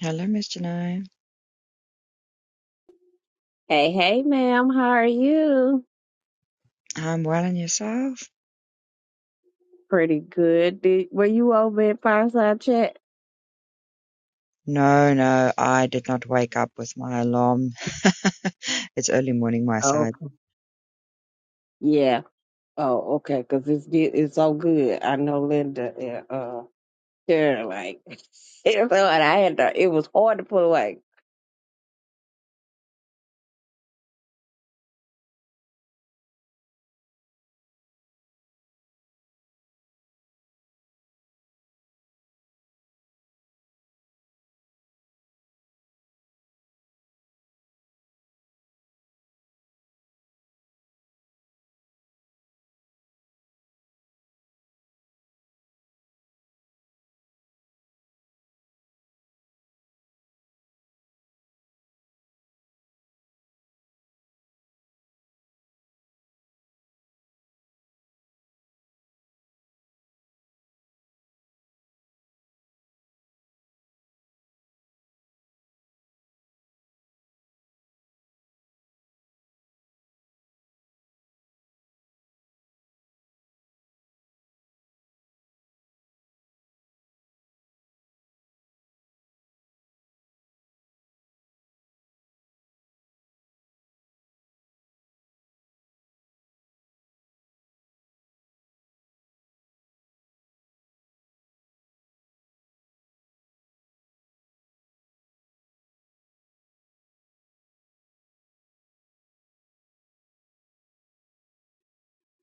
Hello, Miss Janine. Hey, hey, ma'am. How are you? I'm well and yourself? Pretty good. Did, were you over at Fireside Chat? No, no, I did not wake up with my alarm. It's early morning my side. Okay. Yeah. Oh, okay. Because it's get, it's so good. I know Linda and uh, Sharon, like, it's hard. I had to, it was hard to put away.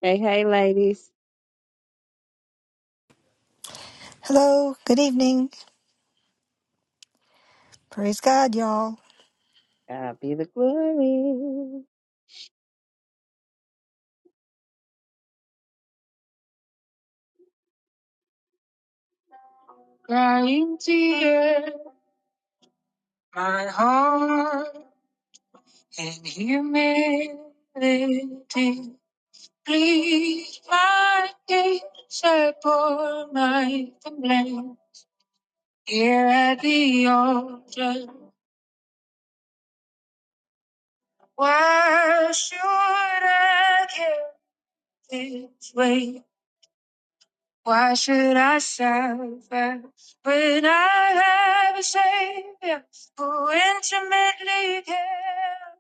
Hey, hey, ladies. Hello, good evening. Praise God, y'all. God be the glory. Crying tear, my heart in humility. Please, my case, settle my complaint. Here at the altar, why should I give this way? Why should I suffer when I have a Savior who intimately cares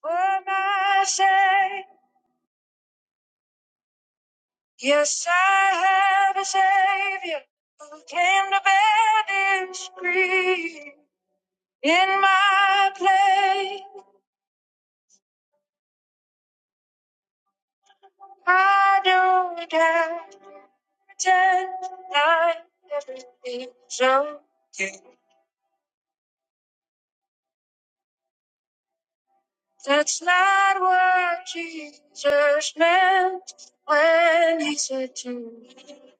for my sin? Yes, I have a Savior who came to bear this grief. In my place, I don't have to pretend like everything's okay. That's not what Jesus meant when he said to me,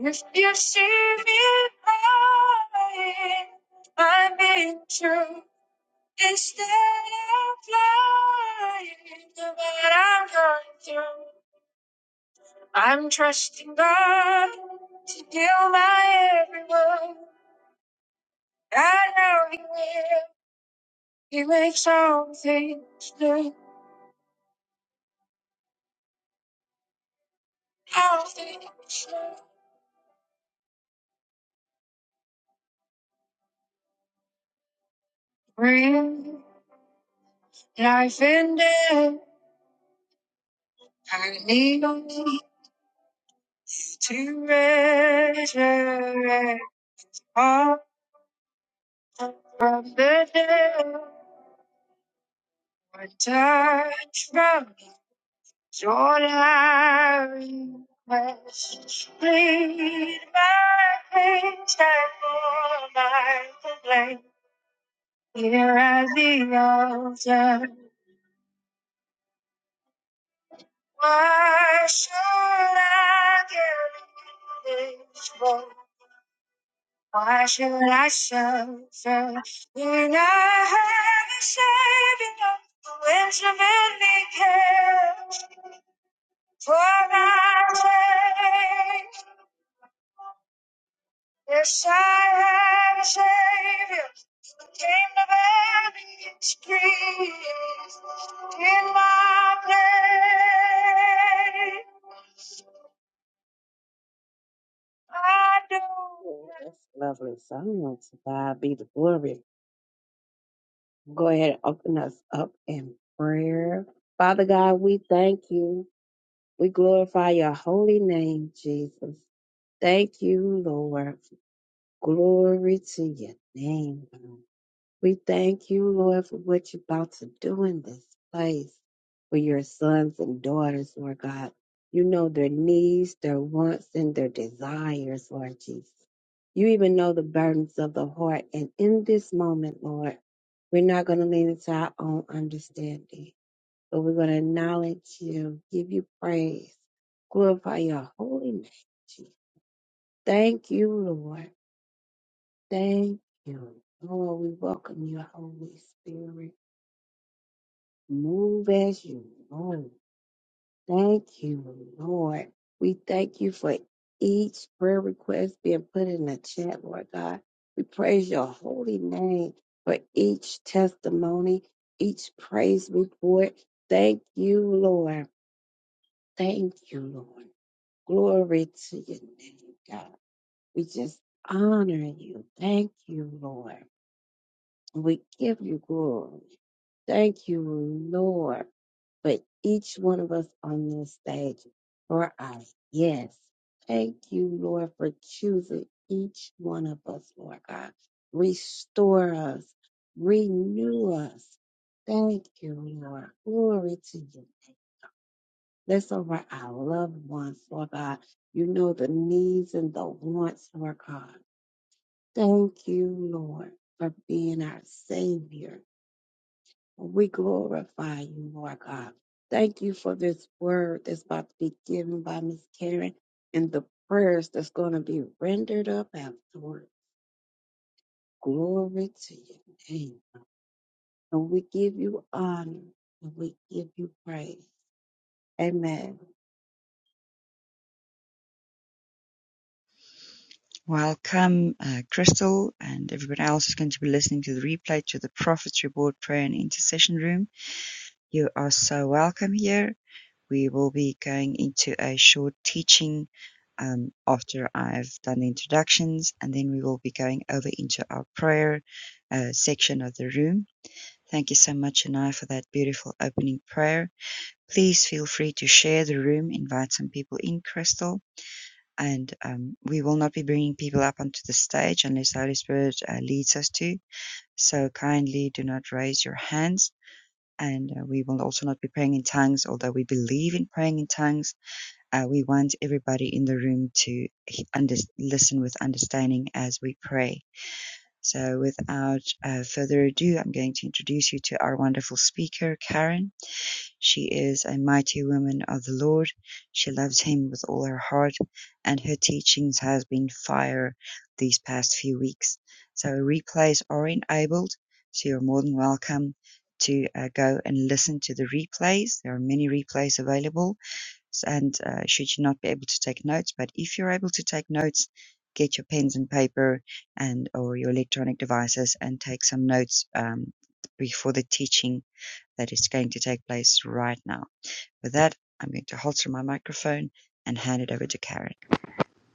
If you see me crying, I'm being true. Instead of lying about what I'm going through. I'm trusting God to heal my every wound. I know He will. He makes all things new. All things new. Bring life and death. I need only to resurrect all from the dead. One touch from Join our requests, plead my case, I pour my complaint. Here at the altar, why should I give in this woe? Why should I suffer when I have a Savior who intimately cares for my sake? Yes, I have a Savior who came to bear these griefs in my place. I do. Oh, that's lovely song. To God be the glory. Go ahead and open us up in prayer. Father God, we thank you. We glorify your holy name, Jesus. Thank you, Lord. Glory to your name. God. We thank you, Lord, for what you're about to do in this place for your sons and daughters, Lord God. You know their needs, their wants, and their desires, Lord Jesus. You even know the burdens of the heart. And in this moment, Lord, we're not going to lean into our own understanding, but we're going to acknowledge you, give you praise, glorify your holy name, Jesus. Thank you, Lord. Thank you. Lord, we welcome you, Holy Spirit. Move as you move. Thank you, Lord. We thank you for each prayer request being put in the chat, Lord God. We praise your holy name for each testimony, each praise report. Thank you, Lord. Thank you, Lord. Glory to your name, God. We just honor you. Thank you, Lord. We give you glory. Thank you, Lord, for each one of us on this stage for our yes. Thank you, Lord, for choosing each one of us, Lord God. Restore us, renew us. Thank you, Lord. Glory to you. Bless over our loved ones, Lord God. You know the needs and the wants, Lord God. Thank you, Lord, for being our Savior. We glorify you, Lord God. Thank you for this word that's about to be given by Miss Karen and the prayers that's going to be rendered up afterward. Glory to your name. And we give you honor and we give you praise. Amen. Welcome, uh, Crystal, and everybody else who's going to be listening to the replay to the Prophet's Reward Prayer and Intercession Room. You are so welcome here. We will be going into a short teaching um, after I've done the introductions, and then we will be going over into our prayer uh, section of the room Thank you so much, Anai, for that beautiful opening prayer. Please feel free to share the room, invite some people in, Crystal. And um, we will not be bringing people up onto the stage unless the Holy Spirit uh, leads us to. So kindly do not raise your hands. And uh, we will also not be praying in tongues, although we believe in praying in tongues. Uh, we want everybody in the room to he- under- listen with understanding as we pray. So, without uh, further ado, I'm going to introduce you to our wonderful speaker, Karen. She is a mighty woman of the Lord. She loves him with all her heart, and her teachings has been fire these past few weeks. So replays are enabled, so you're more than welcome to uh, go and listen to the replays. There are many replays available, and uh, should you not be able to take notes, but if you're able to take notes, get your pens and paper and or your electronic devices and take some notes um, before the teaching that is going to take place right now. With that, I'm going to halter my microphone and hand it over to Karen.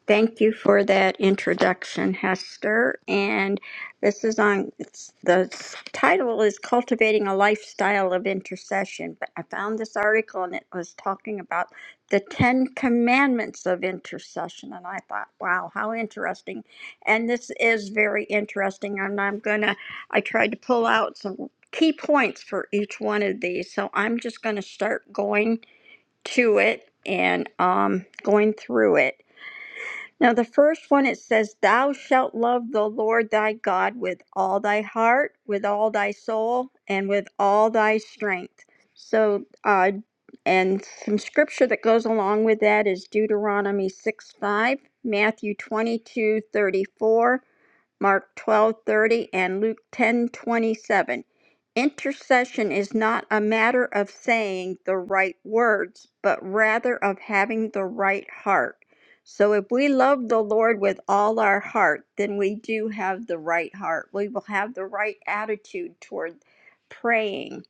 Thank you for that introduction, Hester. And this is on, it's, the title is Cultivating a Lifestyle of Intercession. But I found this article and it was talking about the Ten Commandments of Intercession. And I thought, wow, how interesting. And this is very interesting. And I'm going to, I tried to pull out some key points for each one of these. So I'm just going to start going to it and um, going through it. Now, the first one it says, Thou shalt love the Lord thy God with all thy heart, with all thy soul, and with all thy strength. So, uh, and some scripture that goes along with that is Deuteronomy 6 5, Matthew 22 34. Mark 12:30 and Luke 10:27. Intercession is not a matter of saying the right words, but rather of having the right heart. So if we love the Lord with all our heart, then we do have the right heart. We will have the right attitude toward praying.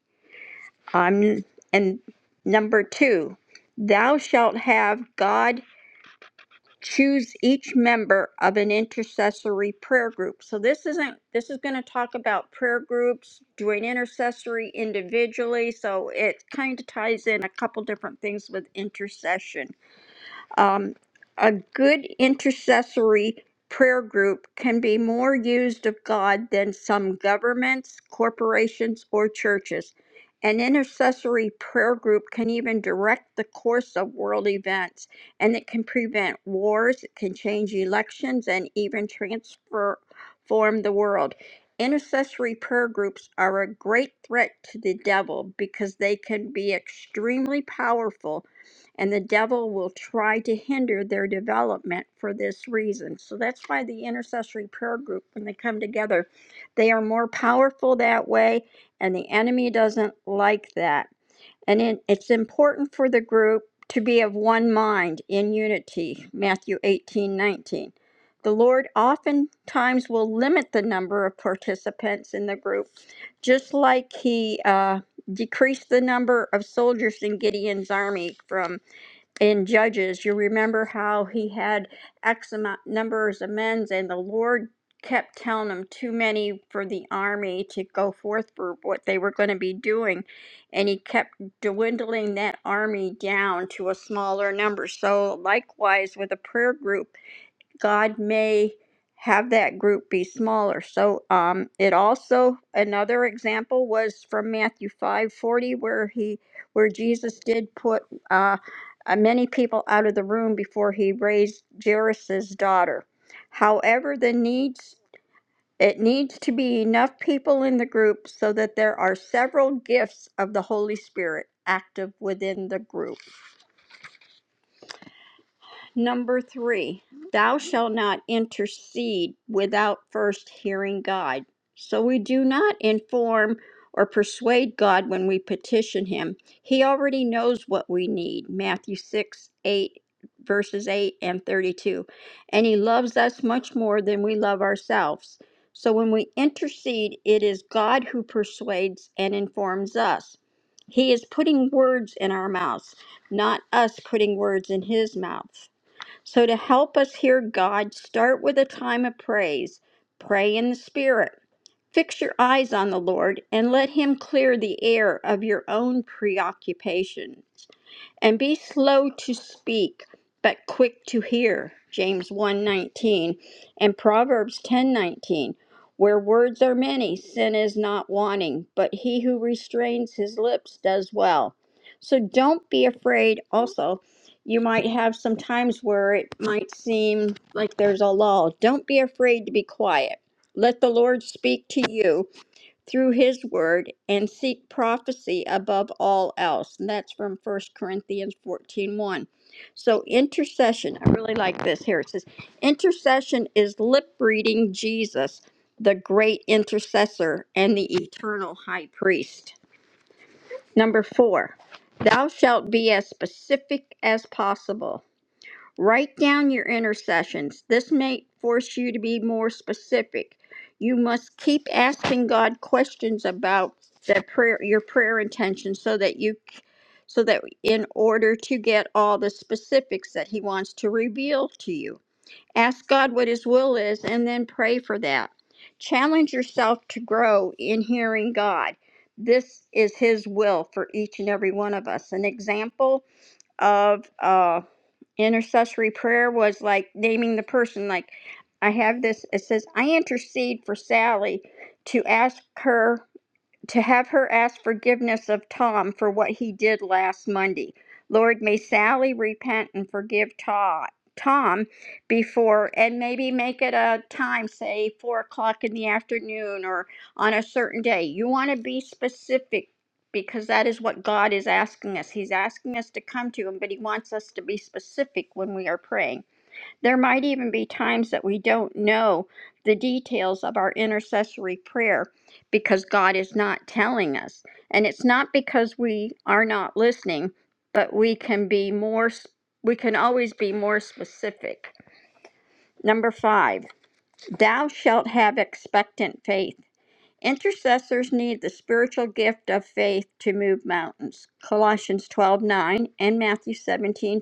Um, and number 2, thou shalt have God choose each member of an intercessory prayer group. So this isn't this is going to talk about prayer groups, doing intercessory individually. So it kind of ties in a couple different things with intercession. Um, a good intercessory prayer group can be more used of God than some governments, corporations, or churches. An intercessory prayer group can even direct the course of world events, and it can prevent wars, it can change elections, and even transform the world. Intercessory prayer groups are a great threat to the devil because they can be extremely powerful and the devil will try to hinder their development for this reason. So that's why the intercessory prayer group, when they come together, they are more powerful that way, and the enemy doesn't like that. And it, it's important for the group to be of one mind in unity. Matthew 18 19. The Lord oftentimes will limit the number of participants in the group, just like He uh, decreased the number of soldiers in Gideon's army from in Judges, you remember how he had X amount numbers of men, and the Lord kept telling him too many for the army to go forth for what they were going to be doing, and he kept dwindling that army down to a smaller number. So likewise with a prayer group, God may have that group be smaller. So um, it also another example was from Matthew five forty, where he where Jesus did put uh, uh, many people out of the room before he raised Jairus's daughter. However, the needs it needs to be enough people in the group so that there are several gifts of the Holy Spirit active within the group. Number three, thou shalt not intercede without first hearing God. So we do not inform or persuade God when we petition Him. He already knows what we need. Matthew 6 8, verses 8 and 32. And He loves us much more than we love ourselves. So when we intercede, it is God who persuades and informs us. He is putting words in our mouths, not us putting words in His mouth. So to help us hear God, start with a time of praise. Pray in the Spirit. Fix your eyes on the Lord and let Him clear the air of your own preoccupations and be slow to speak but quick to hear james one nineteen, and proverbs 10:19 where words are many sin is not wanting but he who restrains his lips does well so don't be afraid also you might have some times where it might seem like there's a lull don't be afraid to be quiet let the lord speak to you through his word and seek prophecy above all else. And that's from First Corinthians fourteen one. So, intercession, I really like this here. It says, Intercession is lip reading Jesus, the great intercessor and the eternal high priest. Number four, thou shalt be as specific as possible. Write down your intercessions. This may force you to be more specific. You must keep asking God questions about that prayer, your prayer intention, so that you, so that in order to get all the specifics that He wants to reveal to you. Ask God what His will is, and then pray for that. Challenge yourself to grow in hearing God. This is His will for each and every one of us. An example of. uh intercessory prayer was like naming the person like i have this it says i intercede for sally to ask her to have her ask forgiveness of Tom for what he did last Monday. Lord, may Sally repent and forgive Todd. Tom before and maybe make it a time, say four o'clock in the afternoon or on a certain day. You want to be specific because that is what God is asking us. He's asking us to come to Him, but He wants us to be specific when we are praying. There might even be times that we don't know the details of our intercessory prayer because God is not telling us. And it's not because we are not listening, but we can be more, we can always be more specific. Number five, thou shalt have expectant faith. Intercessors need the spiritual gift of faith to move mountains. Colossians 12:9 and Matthew 17:20.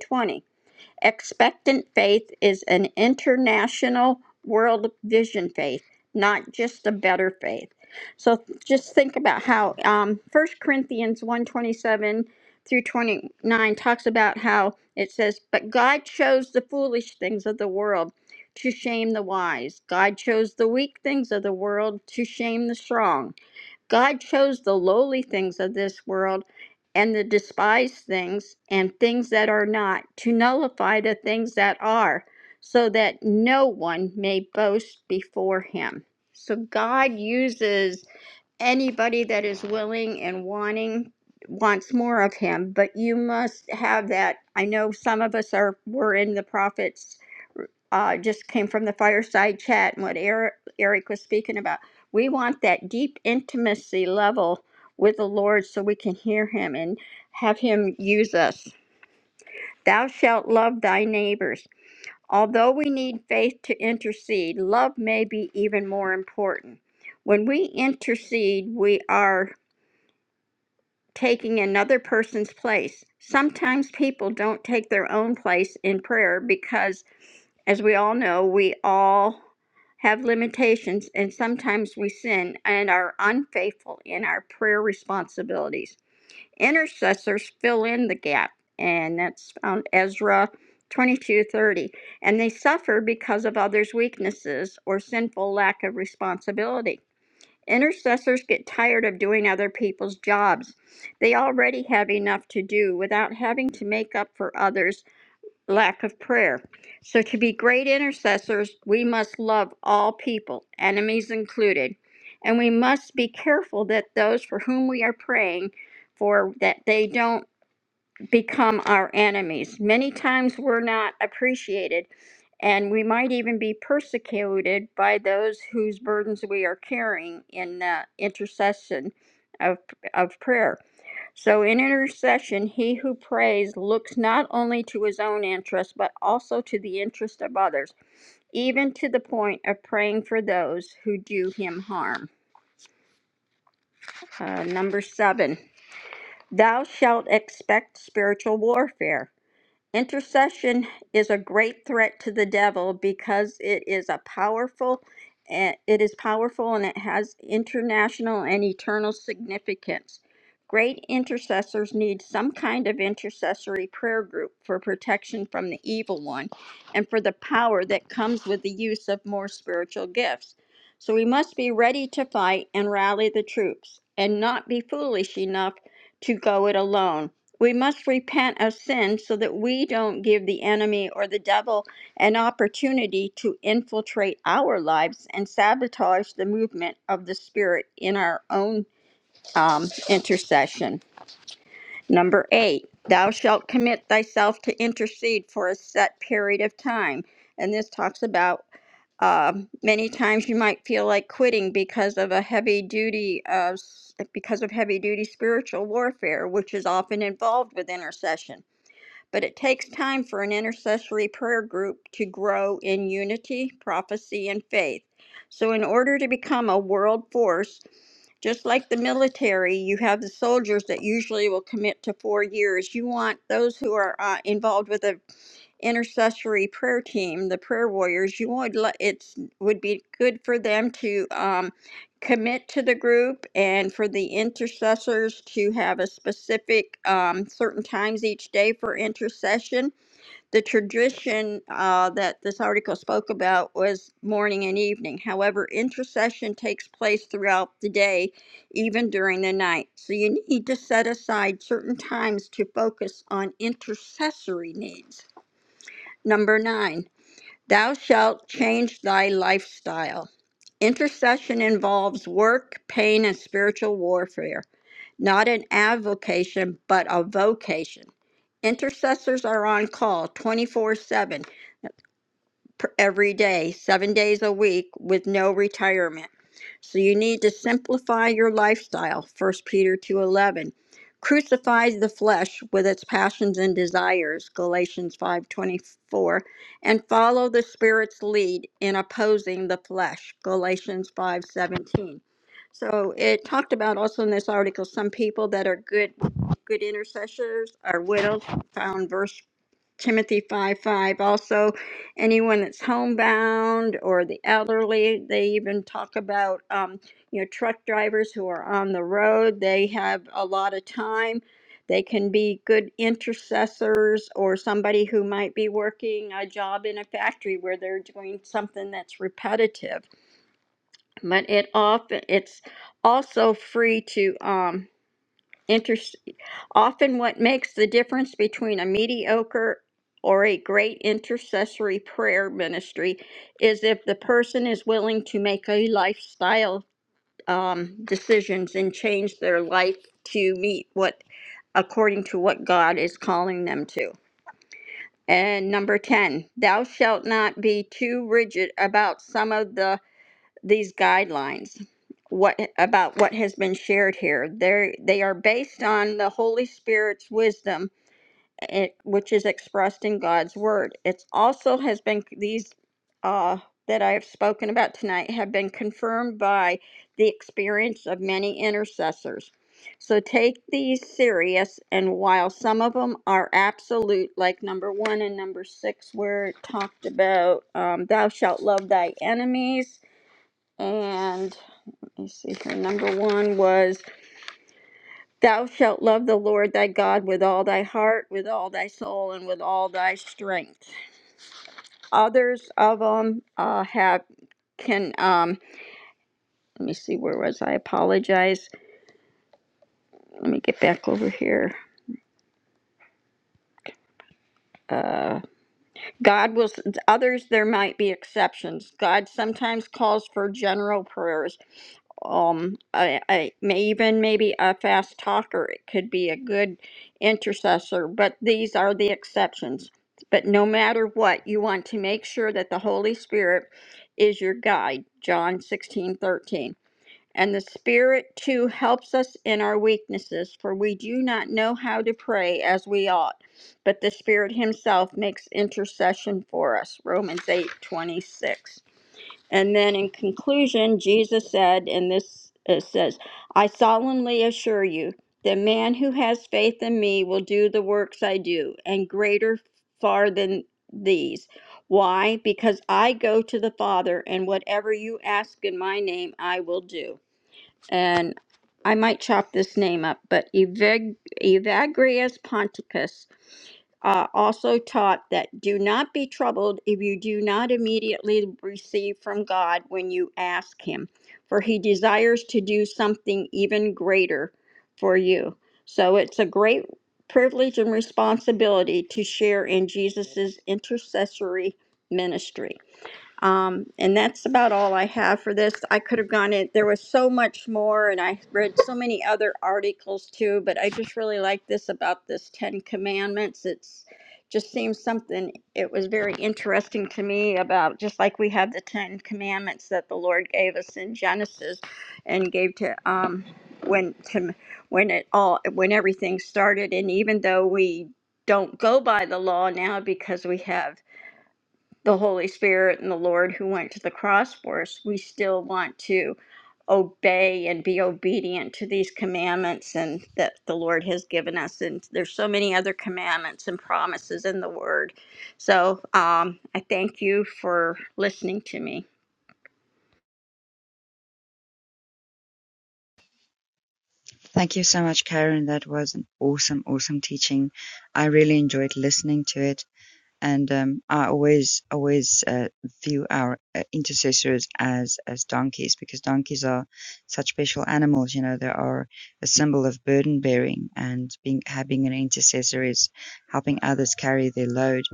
Expectant faith is an international world vision faith, not just a better faith. So just think about how um, 1 Corinthians 127 through 29 talks about how it says, But God chose the foolish things of the world to shame the wise. God chose the weak things of the world to shame the strong. God chose the lowly things of this world and the despised things and things that are not to nullify the things that are, so that no one may boast before him. So God uses anybody that is willing and wanting wants more of him but you must have that i know some of us are were in the prophets uh, just came from the fireside chat and what eric, eric was speaking about we want that deep intimacy level with the lord so we can hear him and have him use us thou shalt love thy neighbors although we need faith to intercede love may be even more important when we intercede we are taking another person's place. Sometimes people don't take their own place in prayer because, as we all know, we all have limitations and sometimes we sin and are unfaithful in our prayer responsibilities. Intercessors fill in the gap, and that's found Ezra 22:30 and they suffer because of others weaknesses or sinful lack of responsibility Intercessors get tired of doing other people's jobs. They already have enough to do without having to make up for others' lack of prayer. So, to be great intercessors, we must love all people, enemies included. And we must be careful that those for whom we are praying for that they don't become our enemies. Many times we're not appreciated, and we might even be persecuted by those whose burdens we are carrying in the intercession of, of prayer. So, in intercession, he who prays looks not only to his own interest, but also to the interest of others, even to the point of praying for those who do him harm. Uh, number seven, thou shalt expect spiritual warfare. Intercession is a great threat to the devil because it is a powerful eh, it is powerful and it has international and eternal significance. Great intercessors need some kind of intercessory prayer group for protection from the evil one and for the power that comes with the use of more spiritual gifts. So we must be ready to fight and rally the troops and not be foolish enough to go it alone we must repent of sin so that we don't give the enemy or the devil an opportunity to infiltrate our lives and sabotage the movement of the Spirit in our own um, intercession. Number eight, thou shalt commit thyself to intercede for a set period of time. And this talks about um, many times you might feel like quitting because of a heavy duty of because of heavy duty spiritual warfare, which is often involved with intercession but it takes time for an intercessory prayer group to grow in unity, prophecy, and faith. So, in order to become a world force, just like the military, you have the soldiers that usually will commit to four years. You want those who are uh, involved with a intercessory prayer team, the prayer warriors, you would li- it's would be good for them to um, commit to the group and for the intercessors to have a specific um, certain times each day for intercession. The tradition uh, that this article spoke about was morning and evening. However, intercession takes place throughout the day, even during the night. So you need to set aside certain times to focus on intercessory needs. Number nine, thou shalt change thy lifestyle. Intercession involves work, pain, and spiritual warfare, not an avocation, but a vocation. Intercessors are on call 24 7 per- every day, seven days a week with no retirement. So you need to simplify your lifestyle, First Peter 2.11. Crucify the flesh with its passions and desires, Galatians 5.24. And follow the Spirit's lead in opposing the flesh, Galatians 5.17. So it talked about also in this article, some people that are good, good intercessors are widows, found verse Timothy 5 5. Also, anyone that's homebound or the elderly, they even talk about, um, you know, truck drivers who are on the road. They have a lot of time. They can be good intercessors or somebody who might be working a job in a factory where they're doing something that's repetitive. But it often it's also free to um, inter Often, what makes the difference between a mediocre or a great intercessory prayer ministry is if the person is willing to make a lifestyle um, decisions and change their life to meet what according to what God is calling them to. And number 10, thou shalt not be too rigid about some of the these guidelines what about what has been shared here. They they are based on the Holy Spirit's wisdom it, which is expressed in God's word. It's also has been these uh, that I have spoken about tonight have been confirmed by the experience of many intercessors. So take these serious, and while some of them are absolute, like number one and number six, where it talked about um, thou shalt love thy enemies, and let me see here, number one was Thou shalt love the Lord thy God with all thy heart, with all thy soul, and with all thy strength. Others of them uh, have can um. Let me see. Where was I? I Apologize. Let me get back over here. Uh, God will. Others there might be exceptions. God sometimes calls for general prayers. um I, I may even maybe a fast talker it could be a good intercessor but these are the exceptions but no matter what you want to make sure that the holy spirit is your guide john 16:13. and the spirit too helps us in our weaknesses for we do not know how to pray as we ought but the spirit himself makes intercession for us romans eight twenty six. And then in conclusion, Jesus said, and this it says, I solemnly assure you, the man who has faith in me will do the works I do, and greater far than these. Why? Because I go to the Father, and whatever you ask in my name, I will do and I might chop this name up, but Evag- Evagrius Ponticus uh, also taught that do not be troubled if you do not immediately receive from God when you ask Him, for He desires to do something even greater for you. So it's a great privilege and responsibility to share in Jesus' intercessory ministry. Um, and that's about all I have for this. I could have gone in, there was so much more, and I read so many other articles too, but I just really like this about this Ten Commandments. It's just seems something, it was very interesting to me about just like we have the Ten Commandments that the Lord gave us in Genesis and gave to, um, when to when it all when everything started and even though we don't go by the law now because we have the Holy Spirit and the Lord who went to the cross for us, we still want to obey and be obedient to these commandments and that the Lord has given us. And there's so many other commandments and promises in the Word. So um, I thank you for listening to me. Thank you so much, Karen. That was an awesome, awesome teaching. I really enjoyed listening to it. and um, I always always uh, view our uh, intercessors as as donkeys because donkeys are such special animals. You know, they are a symbol of burden bearing, and being having an intercessor is helping others carry their load.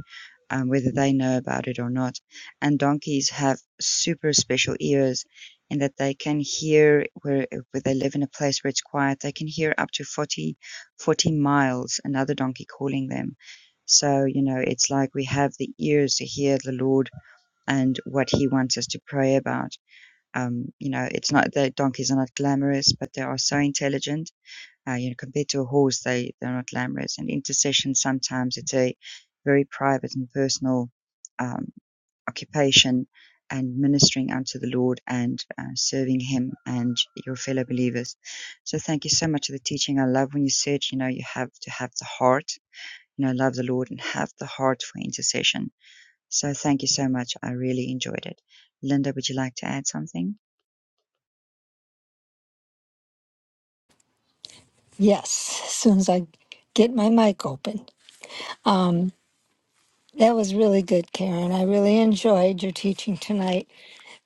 Um, whether they know about it or not. And donkeys have super special ears in that they can hear where, where they live in a place where it's quiet. They can hear up to 40, 40 miles another donkey calling them so, you know, it's like we have the ears to hear the Lord and what He wants us to pray about. Um, you know, it's not that donkeys are not glamorous, but they are so intelligent. Uh, you know, compared to a horse, they they're not glamorous. And intercession sometimes it's a very private and personal um, occupation and ministering unto the Lord and uh, serving Him and your fellow believers. So thank you so much for the teaching. I love when you said, you know, you have to have the heart you know, love the Lord and have the heart for intercession. So thank you so much. I really enjoyed it. Linda, would you like to add something? Yes, as soon as I get my mic open. Um, that was really good, Karen. I really enjoyed your teaching tonight.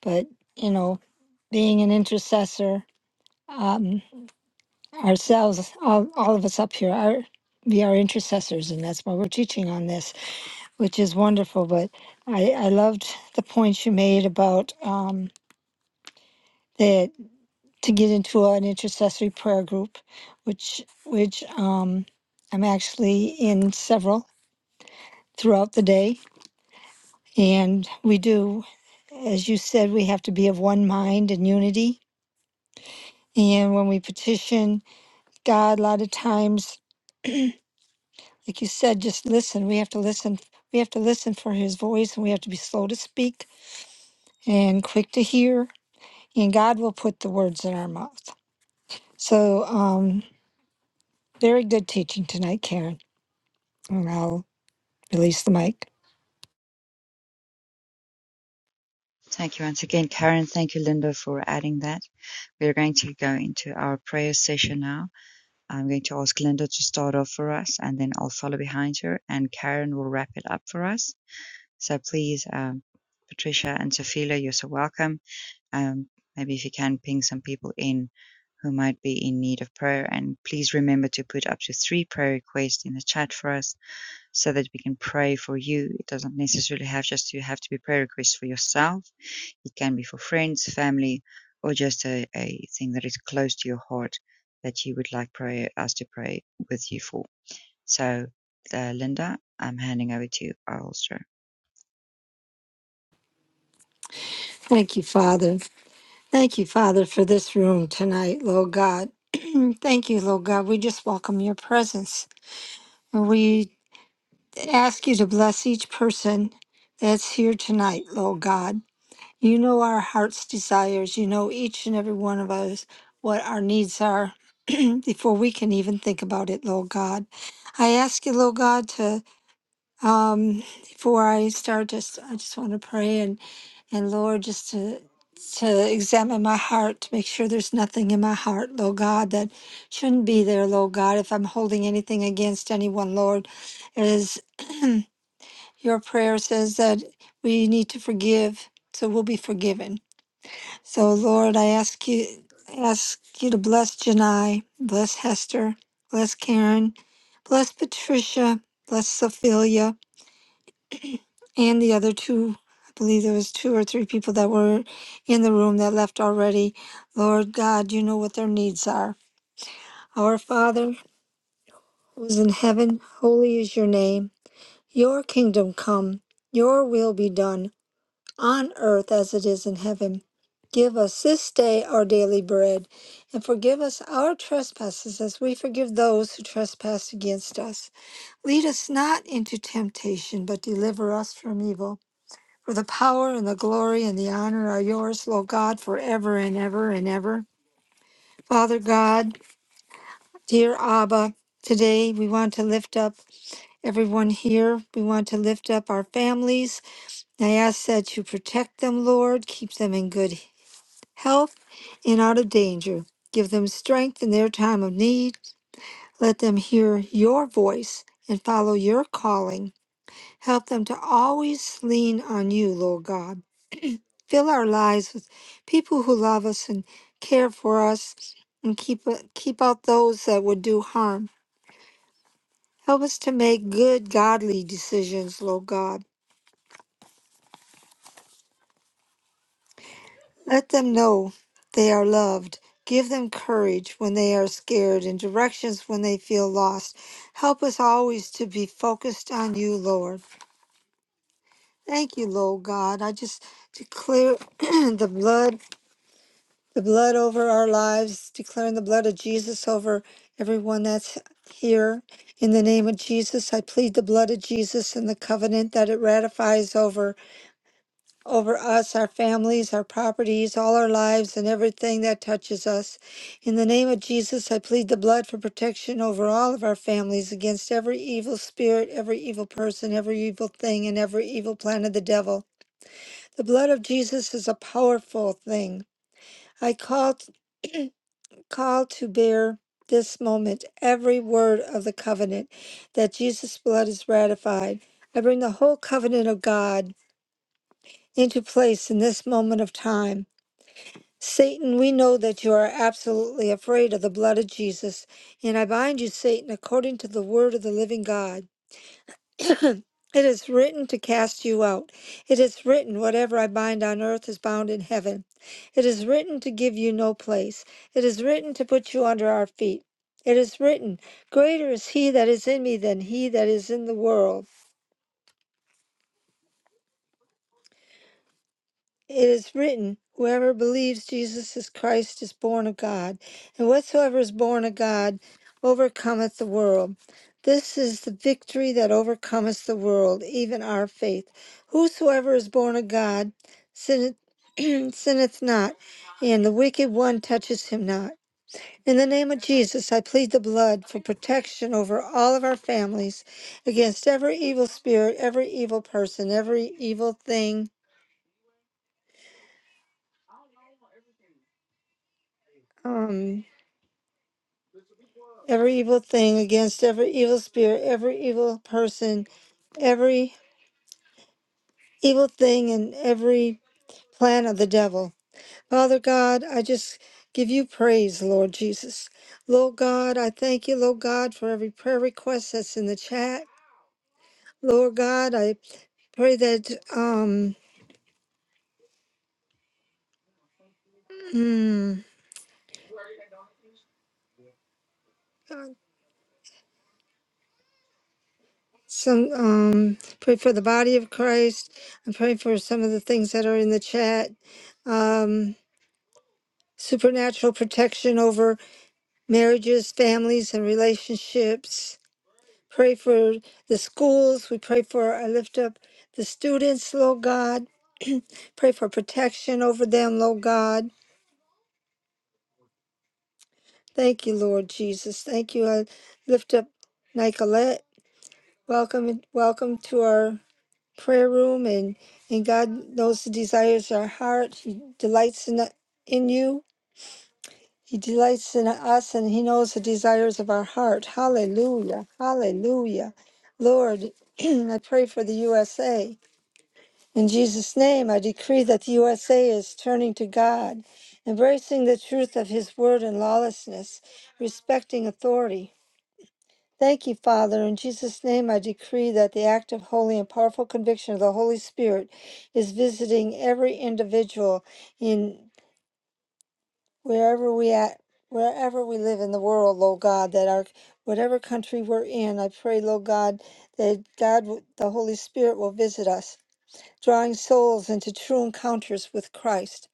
But, you know, being an intercessor, um, ourselves, all, all of us up here, are we are intercessors, and that's why we're teaching on this, which is wonderful. But I, I loved the points you made about um, that. to get into an intercessory prayer group, which which um, I'm actually in several throughout the day. And we do, as you said, we have to be of one mind and unity. And when we petition God, a lot of times, like you said, just listen. We have to listen. We have to listen for His voice, and we have to be slow to speak and quick to hear. And God will put the words in our mouth. So, um, very good teaching tonight, Karen. And I'll release the mic. Thank you once again, Karen. Thank you, Linda, for adding that. We're going to go into our prayer session now. I'm going to ask Linda to start off for us, and then I'll follow behind her, and Karen will wrap it up for us. So please, um, Patricia and Sophia, you're so welcome Um, maybe if you can ping some people in who might be in need of prayer. And please remember to put up to three prayer requests in the chat for us so that we can pray for you. It doesn't necessarily have just to have to be prayer requests for yourself. It can be for friends, family, or just a, a thing that is close to your heart that you would like prayer, us to pray with you for. So, uh, Linda, I'm handing over to you, Ulster. Thank you, Father. Thank you, Father, for this room tonight, Lord God. Thank you, Lord God. We just welcome your presence. And we ask you to bless each person that's here tonight, Lord God. You know our heart's desires. You know each and every one of us what our needs are before we can even think about it, Lord God. I ask you, Lord God, to um, before I start, just I just want to pray and. And Lord, just to to examine my heart to make sure there's nothing in my heart, Lord God, that shouldn't be there, Lord God. If I'm holding anything against anyone, Lord, it is your prayer says that we need to forgive, so we'll be forgiven. So Lord, I ask you ask you to bless Janai, bless Hester, bless Karen, bless Patricia, bless Sophia and the other two i believe there was two or three people that were in the room that left already lord god you know what their needs are our father who is in heaven holy is your name your kingdom come your will be done on earth as it is in heaven give us this day our daily bread and forgive us our trespasses as we forgive those who trespass against us lead us not into temptation but deliver us from evil For the power and the glory and the honor are yours, Lord God, forever and ever and ever. Father God, dear Abba, today we want to lift up everyone here. We want to lift up our families. I ask that you protect them, Lord, keep them in good health and out of danger. Give them strength in their time of need. Let them hear your voice and follow your calling. Help them to always lean on you, Lord God. Fill our lives with people who love us and care for us and keep, uh, keep out those that would do harm. Help us to make good, godly decisions, Lord God. Let them know they are loved. Give them courage when they are scared and directions when they feel lost. Help us always to be focused on you, Lord. Thank you, Lord God. I just declare the blood the blood over our lives, declaring the blood of Jesus over everyone that's here. In the name of Jesus, I plead the blood of Jesus and the covenant that it ratifies over over us, our families, our properties, all our lives and everything that touches us. In the name of Jesus, I plead the blood for protection over all of our families against every evil spirit, every evil person, every evil thing and every evil plan of the devil. The blood of Jesus is a powerful thing. I call called to bear this moment every word of the covenant that Jesus' blood is ratified. I bring the whole covenant of God into place in this moment of time. Satan, we know that you are absolutely afraid of the blood of Jesus, and I bind you, Satan, according to the word of the living God. it is written to cast you out. It is written, whatever I bind on earth is bound in heaven. It is written to give you no place. It is written to put you under our feet. It is written, Greater is he that is in me than he that is in the world. It is written, Whoever believes Jesus is Christ is born of God, and whatsoever is born of God overcometh the world. This is the victory that overcometh the world, even our faith. Whosoever is born of God sinneth, sinneth not, and the wicked one touches him not. In the name of Jesus, I plead the blood for protection over all of our families against every evil spirit, every evil person, every evil thing. Um, every evil thing against every evil spirit, every evil person, every evil thing, and every plan of the devil. Father God, I just give you praise, Lord Jesus. Lord God, I thank you, Lord God, for every prayer request that's in the chat. Lord God, I pray that um hmm, some um pray for the body of Christ. I pray for some of the things that are in the chat. Um supernatural protection over. marriages, families, and relationships. Pray for the schools. We pray for, I lift up the students, Lord God. Pray for protection over them, Lord God. Thank you, Lord Jesus. Thank you. I lift up Nicolette. Welcome, welcome to our prayer room, and and God knows the desires of our heart. He delights in in you. He delights in us and He knows the desires of our heart. Hallelujah. Hallelujah. Lord, I pray for the USA. In Jesus' name, I decree that the USA is turning to God, embracing the truth of His word and lawlessness, respecting authority. Thank you, Father. In Jesus' name, I decree that the active, holy, and powerful conviction of the Holy Spirit is visiting every individual in wherever we at wherever we live in the world lord god that our whatever country we're in i pray lord god that god w- the holy spirit will visit us drawing souls into true encounters with christ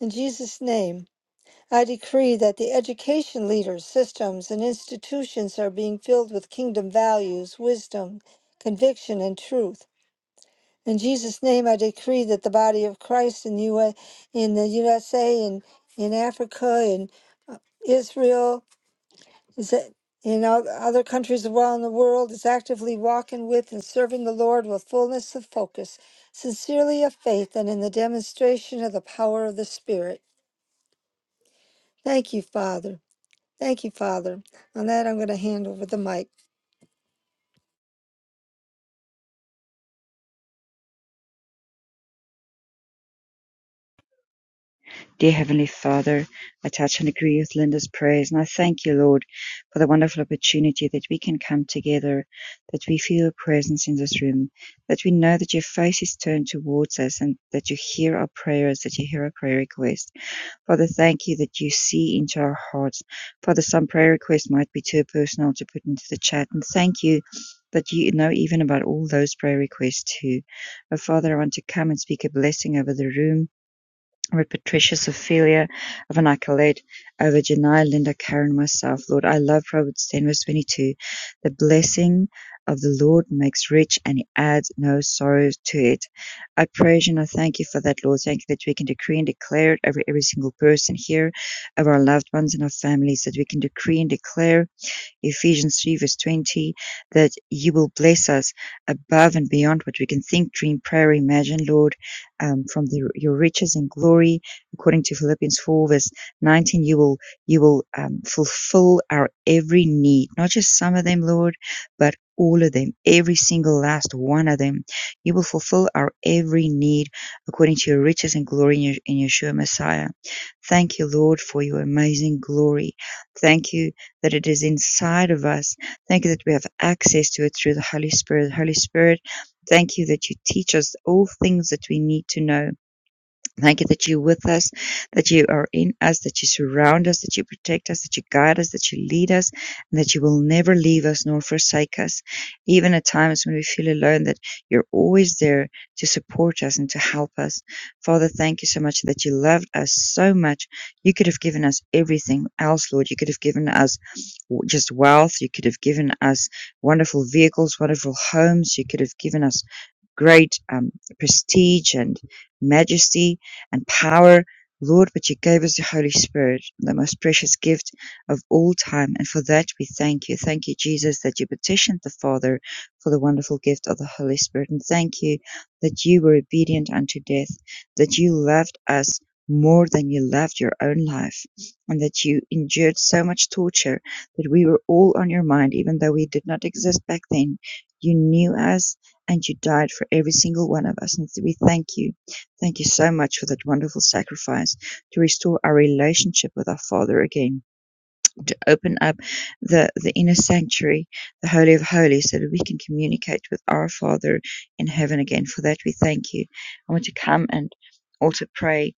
in jesus name i decree that the education leaders systems and institutions are being filled with kingdom values wisdom conviction and truth in jesus name i decree that the body of christ in the, UA in the usa and in africa and Israel is that you know other countries around the world is actively walking with and serving the lord with fullness of focus sincerely of faith and in the demonstration of the power of the spirit thank you father thank you father on that i'm going to hand over the mic Dear Heavenly Father, I touch and agree with Linda's prayers, and I thank you, Lord, for the wonderful opportunity that we can come together, that we feel your presence in this room, that we know that your face is turned towards us, and that you hear our prayers, that you hear our prayer requests. Father, thank you that you see into our hearts. Father, some prayer requests might be too personal to put into the chat, and thank you. That you know even about all those prayer requests too. Oh, Father, I want to come and speak a blessing over the room with Patricia's Ophelia, of an accolade over Janai, Linda, Karen, myself, Lord, I love Proverbs 10, verse 22. The blessing of the Lord makes rich and he adds no sorrow to it. I praise you and I thank you for that, Lord. Thank you that we can decree and declare it over every single person here, over our loved ones and our families, that we can decree and declare Ephesians 3 verse 20, that you will bless us above and beyond what we can think, dream, pray, imagine, Lord, um, from the, your riches and glory. According to Philippians 4 verse 19, you will, you will um, fulfill our every need, not just some of them, Lord, but all of them, every single last one of them. You will fulfill our every need according to your riches and glory in, your, in Yeshua Messiah. Thank you, Lord, for your amazing glory. Thank you that it is inside of us. Thank you that we have access to it through the Holy Spirit. Holy Spirit, thank you that you teach us all things that we need to know Thank you that you're with us, that you are in us, that you surround us, that you protect us, that you guide us, that you lead us, and that you will never leave us nor forsake us. Even at times when we feel alone, that you're always there to support us and to help us. Father, thank you so much that you loved us so much. You could have given us everything else, Lord. You could have given us just wealth. You could have given us wonderful vehicles, wonderful homes. You could have given us great um, prestige and majesty and power, Lord, but you gave us the Holy Spirit, the most precious gift of all time. And for that, we thank you. Thank you, Jesus, that you petitioned the Father for the wonderful gift of the Holy Spirit. And thank you that you were obedient unto death, that you loved us more than you loved your own life, and that you endured so much torture that we were all on your mind, even though we did not exist back then. You knew us and you died for every single one of us. And so we thank you Thank you so much for that wonderful sacrifice to restore our relationship with our Father again, to open up the, the inner sanctuary, the Holy of Holies, so that we can communicate with our Father in heaven again. For that, we thank you. I want to come and also pray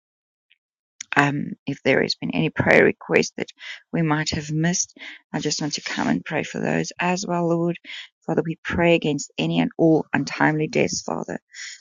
um, if there has been any prayer request that we might have missed, I just want to come and pray for those as well, Lord. Father, we pray against any and all untimely deaths, Father.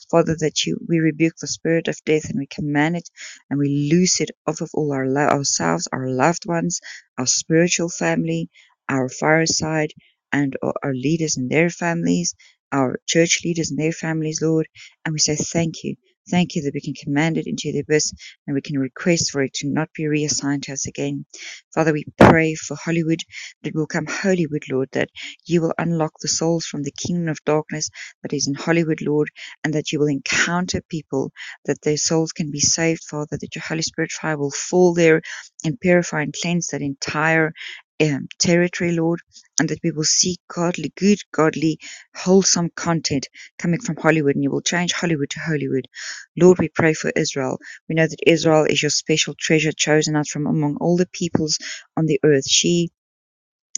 Father, that you we rebuke the spirit of death and we command it and we loose it off of all our lo- ourselves, our loved ones, our spiritual family, our fireside, and our, our leaders and their families, our church leaders and their families, Lord. And we say thank you. Thank you that we can command it into the abyss and we can request for it to not be reassigned to us again. Father, we pray for Hollywood that it will come Hollywood, Lord, that you will unlock the souls from the kingdom of darkness that is in Hollywood, Lord, and that you will encounter people, that their souls can be saved, Father, that your Holy Spirit fire will fall there and purify and cleanse that entire um, territory, Lord, and that we will see godly, good, godly, wholesome content coming from Hollywood, and you will change Hollywood to Hollywood. Lord, we pray for Israel. We know that Israel is your special treasure chosen out from among all the peoples on the earth. She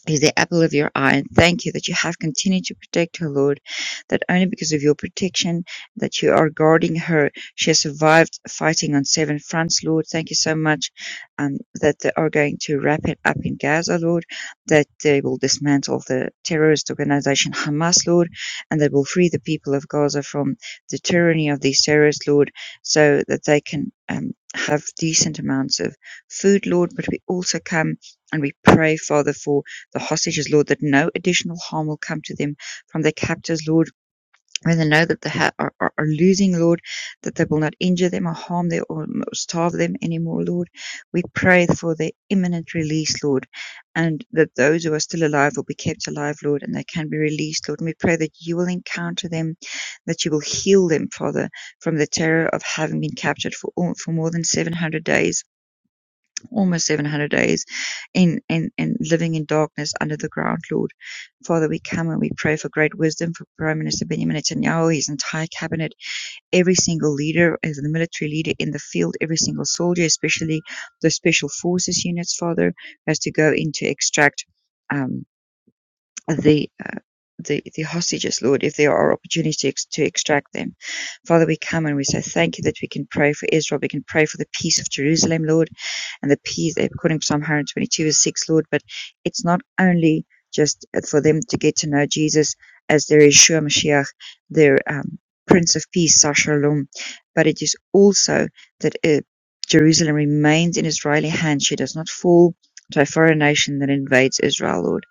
is the apple of your eye. And thank you that you have continued to protect her, Lord, that only because of your protection that you are guarding her, she has survived fighting on seven fronts, Lord. Thank you so much um, that they are going to wrap it up in Gaza, Lord, that they will dismantle the terrorist organization Hamas, Lord, and that will free the people of Gaza from the tyranny of these terrorists, Lord, so that they can. Um, have decent amounts of food, Lord, but we also come and we pray, Father, for the hostages, Lord, that no additional harm will come to them from their captors, Lord. When they know that they ha- are, are, are losing, Lord, that they will not injure them or harm them or starve them anymore, Lord. We pray for their imminent release, Lord, and that those who are still alive will be kept alive, Lord, and they can be released, Lord. And we pray that you will encounter them, that you will heal them, Father, from the terror of having been captured for, all, for more than 700 days almost 700 days in, in, in living in darkness under the ground, Lord. Father, we come and we pray for great wisdom for Prime Minister Benjamin Netanyahu, his entire cabinet, every single leader, as the military leader in the field, every single soldier, especially the special forces units, Father, as to go in to extract. Um, the uh, the, the hostages, Lord, if there are opportunities to extract them. Father, we come and we say thank you that we can pray for Israel. We can pray for the peace of Jerusalem, Lord, and the peace, according to Psalm 122, verse 6, Lord. But it's not only just for them to get to know Jesus as their Yeshua Mashiach, their um, Prince of Peace, Sar Shalom, but it is also that uh, Jerusalem remains in Israeli hands. She does not fall to a foreign nation that invades Israel, Lord.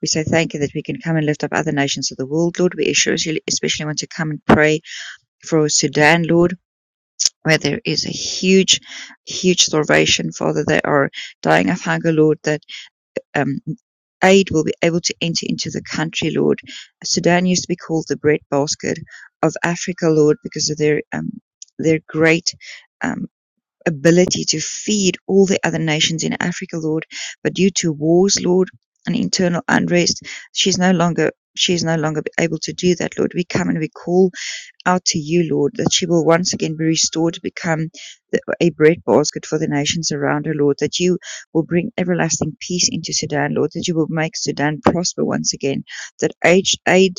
We say thank you that we can come and lift up other nations of the world, Lord. We especially, want to come and pray for Sudan, Lord, where there is a huge, huge starvation, Father. They are dying of hunger, Lord, that um, aid will be able to enter into the country, Lord. Sudan used to be called the breadbasket of Africa, Lord, because of their um, their great. um, ability to feed all the other nations in Africa, Lord. But due to wars, Lord, and internal unrest, she's no longer she is no longer able to do that, Lord. We come and we call out to you, Lord, that she will once again be restored to become the, a breadbasket for the nations around her, Lord, that you will bring everlasting peace into Sudan, Lord, that you will make Sudan prosper once again, that aid, aid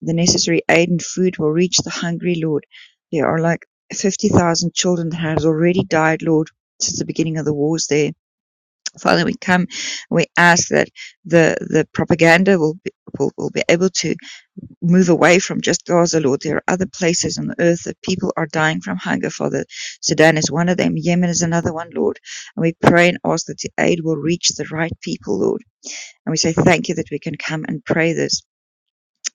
the necessary aid and food will reach the hungry, Lord. There are like 50,000 children that has already died, Lord, since the beginning of the wars there. Father, we come we ask that the, the propaganda will be, will, will be able to move away from just Gaza, Lord. There are other places on the earth that people are dying from hunger, Father. Sudan is one of them. Yemen is another one, Lord. And we pray and ask that the aid will reach the right people, Lord. And we say thank you that we can come and pray this.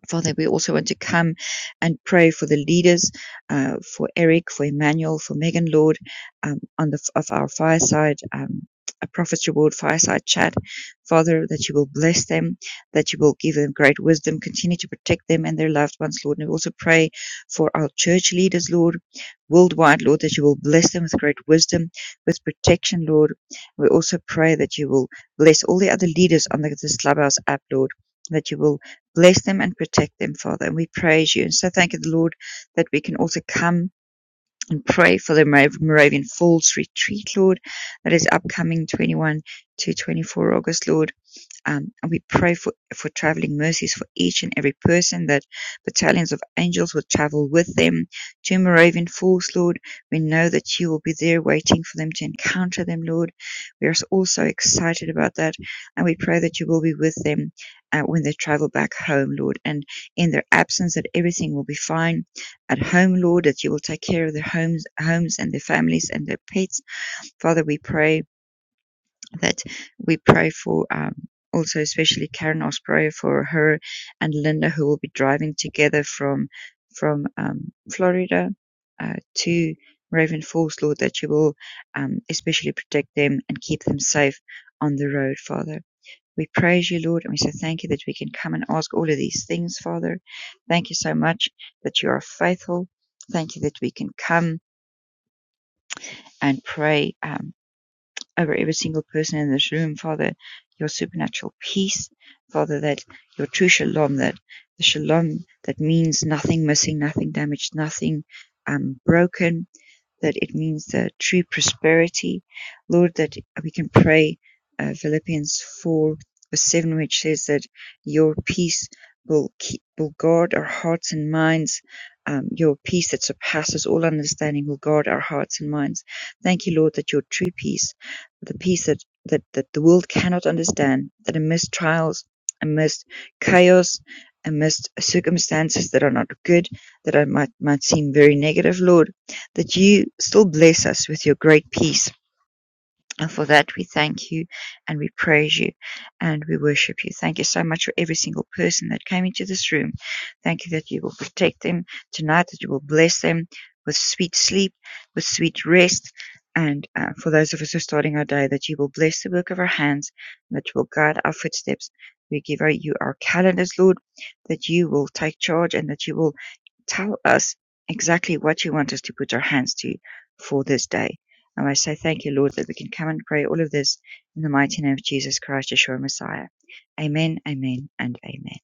Father, we also want to come and pray for the leaders, uh, for Eric, for Emmanuel, for Megan Lord, um, on the of our fireside. Um, a prophet's reward fireside chat, Father, that you will bless them, that you will give them great wisdom, continue to protect them and their loved ones, Lord. And we also pray for our church leaders, Lord, worldwide, Lord, that you will bless them with great wisdom, with protection, Lord. We also pray that you will bless all the other leaders on the, this Clubhouse app, Lord, that you will bless them and protect them, Father. And we praise you. And so thank you, Lord, that we can also come and pray for the Mora- Moravian Falls retreat, Lord, that is upcoming 21 to 24 August, Lord. Um, and we pray for, for traveling mercies for each and every person that battalions of angels will travel with them to Moravian Falls, Lord. We know that you will be there waiting for them to encounter them, Lord. We are also excited about that. And we pray that you will be with them uh, when they travel back home, Lord. And in their absence, that everything will be fine at home, Lord, that you will take care of their homes, homes and their families and their pets. Father, we pray that we pray for um, also, especially Karen Osprey for her and Linda, who will be driving together from from um, Florida uh, to Raven Falls, Lord, that you will um, especially protect them and keep them safe on the road, Father. We praise you, Lord, and we say thank you that we can come and ask all of these things, Father. Thank you so much that you are faithful. Thank you that we can come and pray. Um, over every single person in this room, Father, your supernatural peace, Father, that your true shalom, that the shalom that means nothing missing, nothing damaged, nothing um, broken, that it means the true prosperity. Lord, that we can pray uh, Philippians 4 verse 7, which says that your peace will, keep, will guard our hearts and minds. Um, your peace that surpasses all understanding will guard our hearts and minds. Thank you, Lord, that your true peace, the peace that, that, that the world cannot understand, that amidst trials, amidst chaos, amidst circumstances that are not good, that I might, might seem very negative, Lord, that you still bless us with your great peace. And for that, we thank you and we praise you and we worship you. Thank you so much for every single person that came into this room. Thank you that you will protect them tonight, that you will bless them with sweet sleep, with sweet rest. And uh, for those of us who are starting our day, that you will bless the work of our hands and that you will guide our footsteps. We give you our calendars, Lord, that you will take charge and that you will tell us exactly what you want us to put our hands to for this day. And I say thank you, Lord, that we can come and pray all of this in the mighty name of Jesus Christ, Yeshua Messiah. Amen, amen, and amen.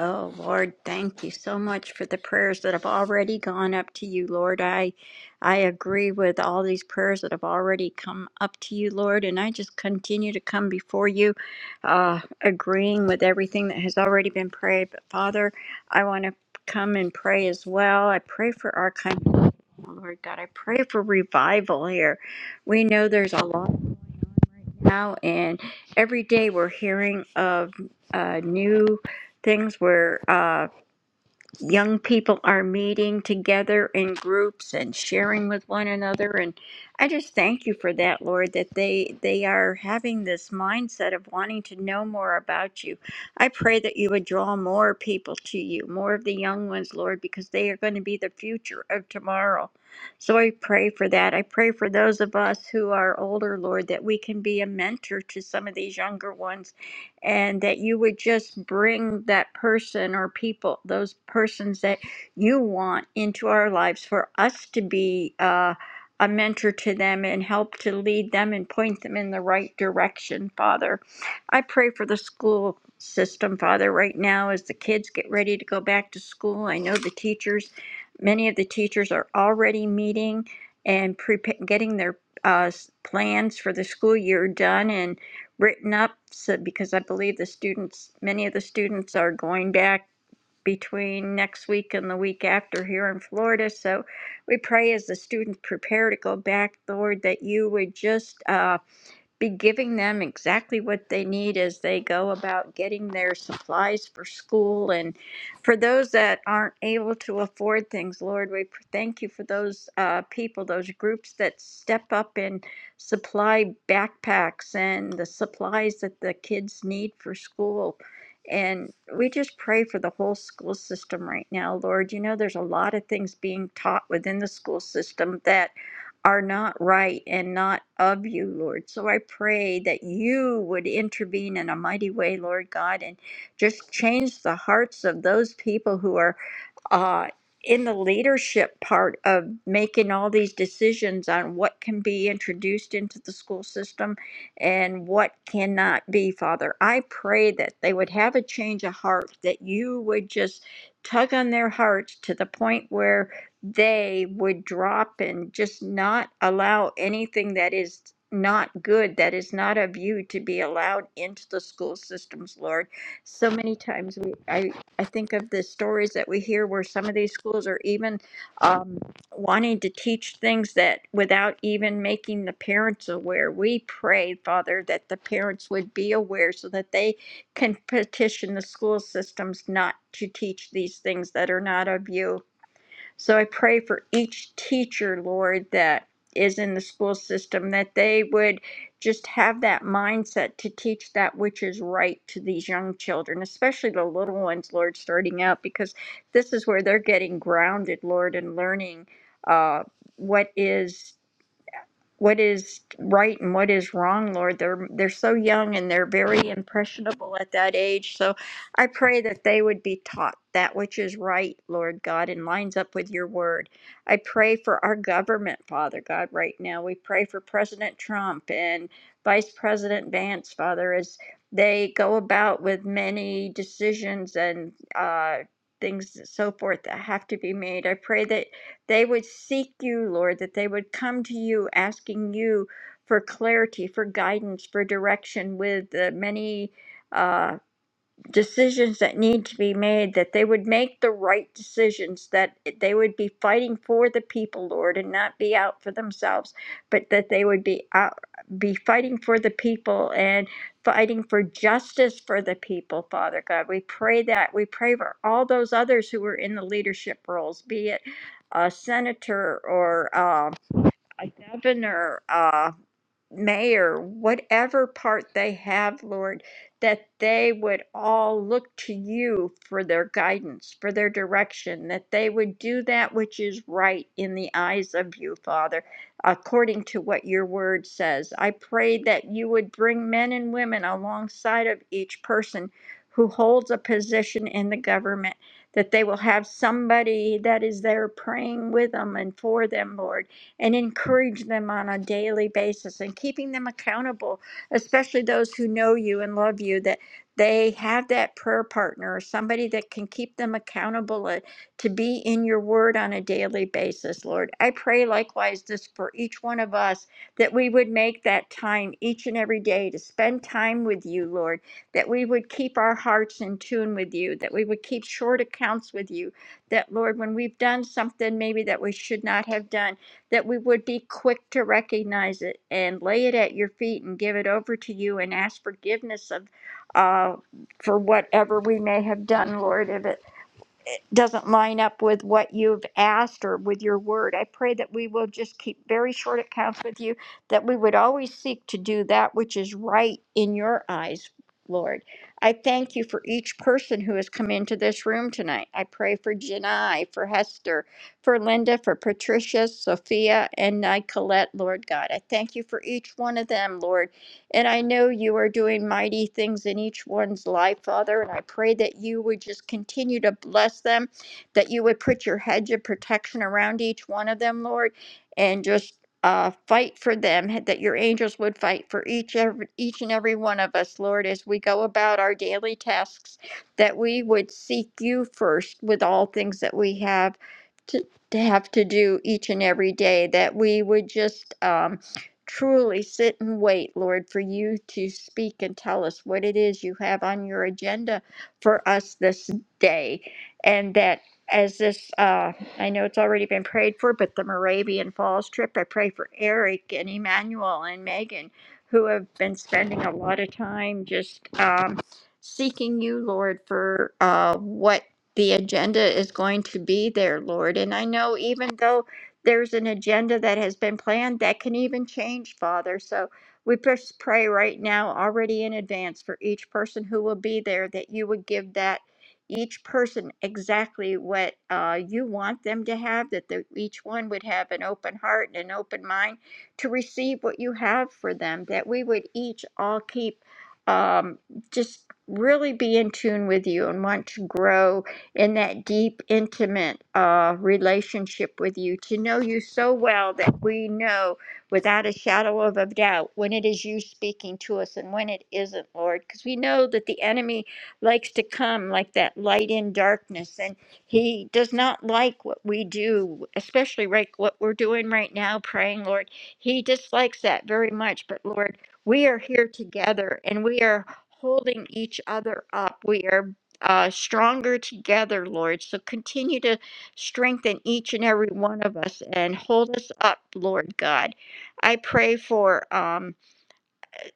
Oh, Lord, thank you so much for the prayers that have already gone up to you, Lord. I I agree with all these prayers that have already come up to you, Lord, and I just continue to come before you, uh, agreeing with everything that has already been prayed. But Father, I want to come and pray as well. I pray for our country, Lord God. I pray for revival here. We know there's a lot going on right now, and every day we're hearing of uh, new things where uh, young people are meeting together in groups and sharing with one another. And I just thank you for that, Lord, that they they are having this mindset of wanting to know more about you. I pray that you would draw more people to you, more of the young ones, Lord, because they are going to be the future of tomorrow. So I pray for that. I pray for those of us who are older, Lord, that we can be a mentor to some of these younger ones and that you would just bring that person or people, those persons that you want into our lives for us to be uh, a mentor to them and help to lead them and point them in the right direction, Father. I pray for the school system, Father, right now as the kids get ready to go back to school. I know the teachers, many of the teachers are already meeting and prepa- getting their uh, s- plans for the school year done. and written up so, because I believe the students, many of the students are going back between next week and the week after here in Florida. So we pray as the students prepare to go back, Lord, that you would just um, be giving them exactly what they need as they go about getting their supplies for school. And for those that aren't able to afford things, Lord, we pr- thank you for those uh, people, those groups that step up and supply backpacks and the supplies that the kids need for school. And we just pray for the whole school system right now, Lord. You know, there's a lot of things being taught within the school system that are not right and not of you, Lord. So I pray that you would intervene in a mighty way, Lord God, and just change the hearts of those people who are uh, in the leadership part of making all these decisions on what can be introduced into the school system and what cannot be, Father. I pray that they would have a change of heart, that you would just tug on their hearts to the point where they would drop and just not allow anything that is not good, that is not of you, to be allowed into the school systems, Lord so many times we I, I think of the stories that we hear where some of these schools are even um, wanting to teach things that without even making the parents aware. We pray, Father, that the parents would be aware so that they can petition the school systems not to teach these things that are not of you. So I pray for each teacher, Lord, that is in the school system, that they would just have that mindset to teach that which is right to these young children, especially the little ones, Lord, starting out, because this is where they're getting grounded, Lord, and learning uh, what is what is right and what is wrong, Lord. They're they're so young and they're very impressionable at that age. So I pray that they would be taught that which is right, Lord God, and lines up with your word. I pray for our government, Father God, right now. We pray for President Trump and Vice President Vance, Father, as they go about with many decisions and uh Things so forth that have to be made. I pray that they would seek you, Lord, that they would come to you asking you for clarity, for guidance, for direction with the many. uh, decisions that need to be made, that they would make the right decisions, that they would be fighting for the people, Lord, and not be out for themselves, but that they would be out, be fighting for the people and fighting for justice for the people, Father God. We pray that. We pray for all those others who are in the leadership roles, be it a senator or um, a governor. uh, mayor, whatever part they have, Lord, that they would all look to you for their guidance, for their direction, that they would do that which is right in the eyes of you, Father, according to what your word says. I pray that you would bring men and women alongside of each person who holds a position in the government, that they will have somebody that is there praying with them and for them, Lord and encourage them on a daily basis and keeping them accountable, especially those who know you and love you, that they have that prayer partner or somebody that can keep them accountable uh, to be in your word on a daily basis, Lord. I pray likewise this for each one of us that we would make that time each and every day to spend time with you, Lord, that we would keep our hearts in tune with you, that we would keep short accounts with you, that, Lord, when we've done something maybe that we should not have done, that we would be quick to recognize it and lay it at your feet and give it over to you and ask forgiveness of uh, for whatever we may have done, Lord. if it doesn't line up with what you've asked or with your word. I pray that we will just keep very short accounts with you, that we would always seek to do that which is right in your eyes, Lord. I thank you for each person who has come into this room tonight. I pray for Janai, for Hester, for Linda, for Patricia, Sophia, and Nicolette, Lord God. I thank you for each one of them, Lord and I know you are doing mighty things in each one's life, Father. And I pray that you would just continue to bless them, that you would put your hedge of protection around each one of them, Lord, and just uh, fight for them. That your angels would fight for each every, each and every one of us, Lord, as we go about our daily tasks. That we would seek you first with all things that we have to, to have to do each and every day. That we would just um, truly sit and wait, Lord, for you to speak and tell us what it is you have on your agenda for us this day. And that as this, uh, I know it's already been prayed for, but the Moravian Falls trip, I pray for Eric and Emmanuel and Megan, who have been spending a lot of time just um, seeking you, Lord, for uh, what the agenda is going to be there, Lord. And I know even though there's an agenda that has been planned that can even change, Father. So we just pray right now, already in advance, for each person who will be there, that you would give that each person exactly what uh, you want them to have, that the, each one would have an open heart and an open mind to receive what you have for them, that we would each all keep um, just really be in tune with you and want to grow in that deep, intimate uh, relationship with you, to know you so well that we know without a shadow of a doubt when it is you speaking to us and when it isn't, Lord. Because we know that the enemy likes to come like that light in darkness, and he does not like what we do, especially right what we're doing right now, praying, Lord. He dislikes that very much, but Lord, we are here together and we are holding each other up. We are uh, stronger together, Lord. So continue to strengthen each and every one of us and hold us up, Lord God. I pray for. Um,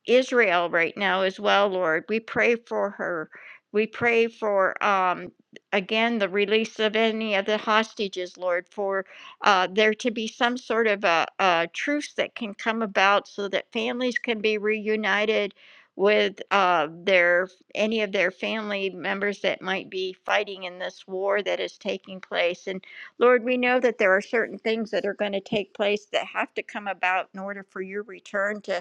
Israel right now as well, Lord. We pray for her. We pray for, um, again, the release of any of the hostages, Lord, for uh, there to be some sort of a, a truce that can come about so that families can be reunited with uh, their any of their family members that might be fighting in this war that is taking place. And Lord, we know that there are certain things that are going to take place that have to come about in order for your return to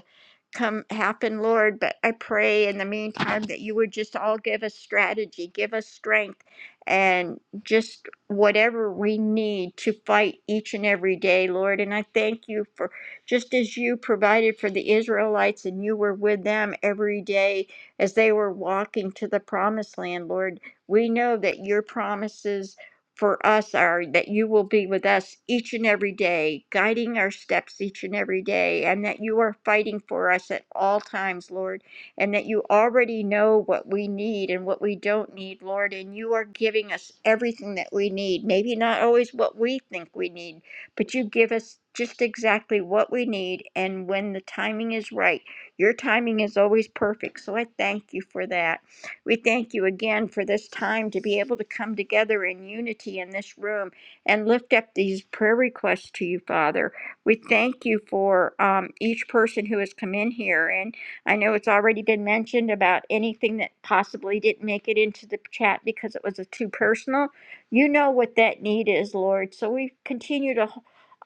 come happen, Lord. But I pray in the meantime that you would just all give us strategy, give us strength, and just whatever we need to fight each and every day, Lord. And I thank you for just as you provided for the Israelites and you were with them every day as they were walking to the promised land, Lord. We know that your promises for us are that you will be with us each and every day, guiding our steps each and every day, and that you are fighting for us at all times, Lord, and that you already know what we need and what we don't need, Lord, and you are giving us everything that we need. Maybe not always what we think we need, but you give us just exactly what we need, and when the timing is right, your timing is always perfect. So I thank you for that. We thank you again for this time to be able to come together in unity in this room and lift up these prayer requests to you, Father. We thank you for um, each person who has come in here. And I know it's already been mentioned about anything that possibly didn't make it into the chat because it was a too personal. You know what that need is, Lord. So we continue to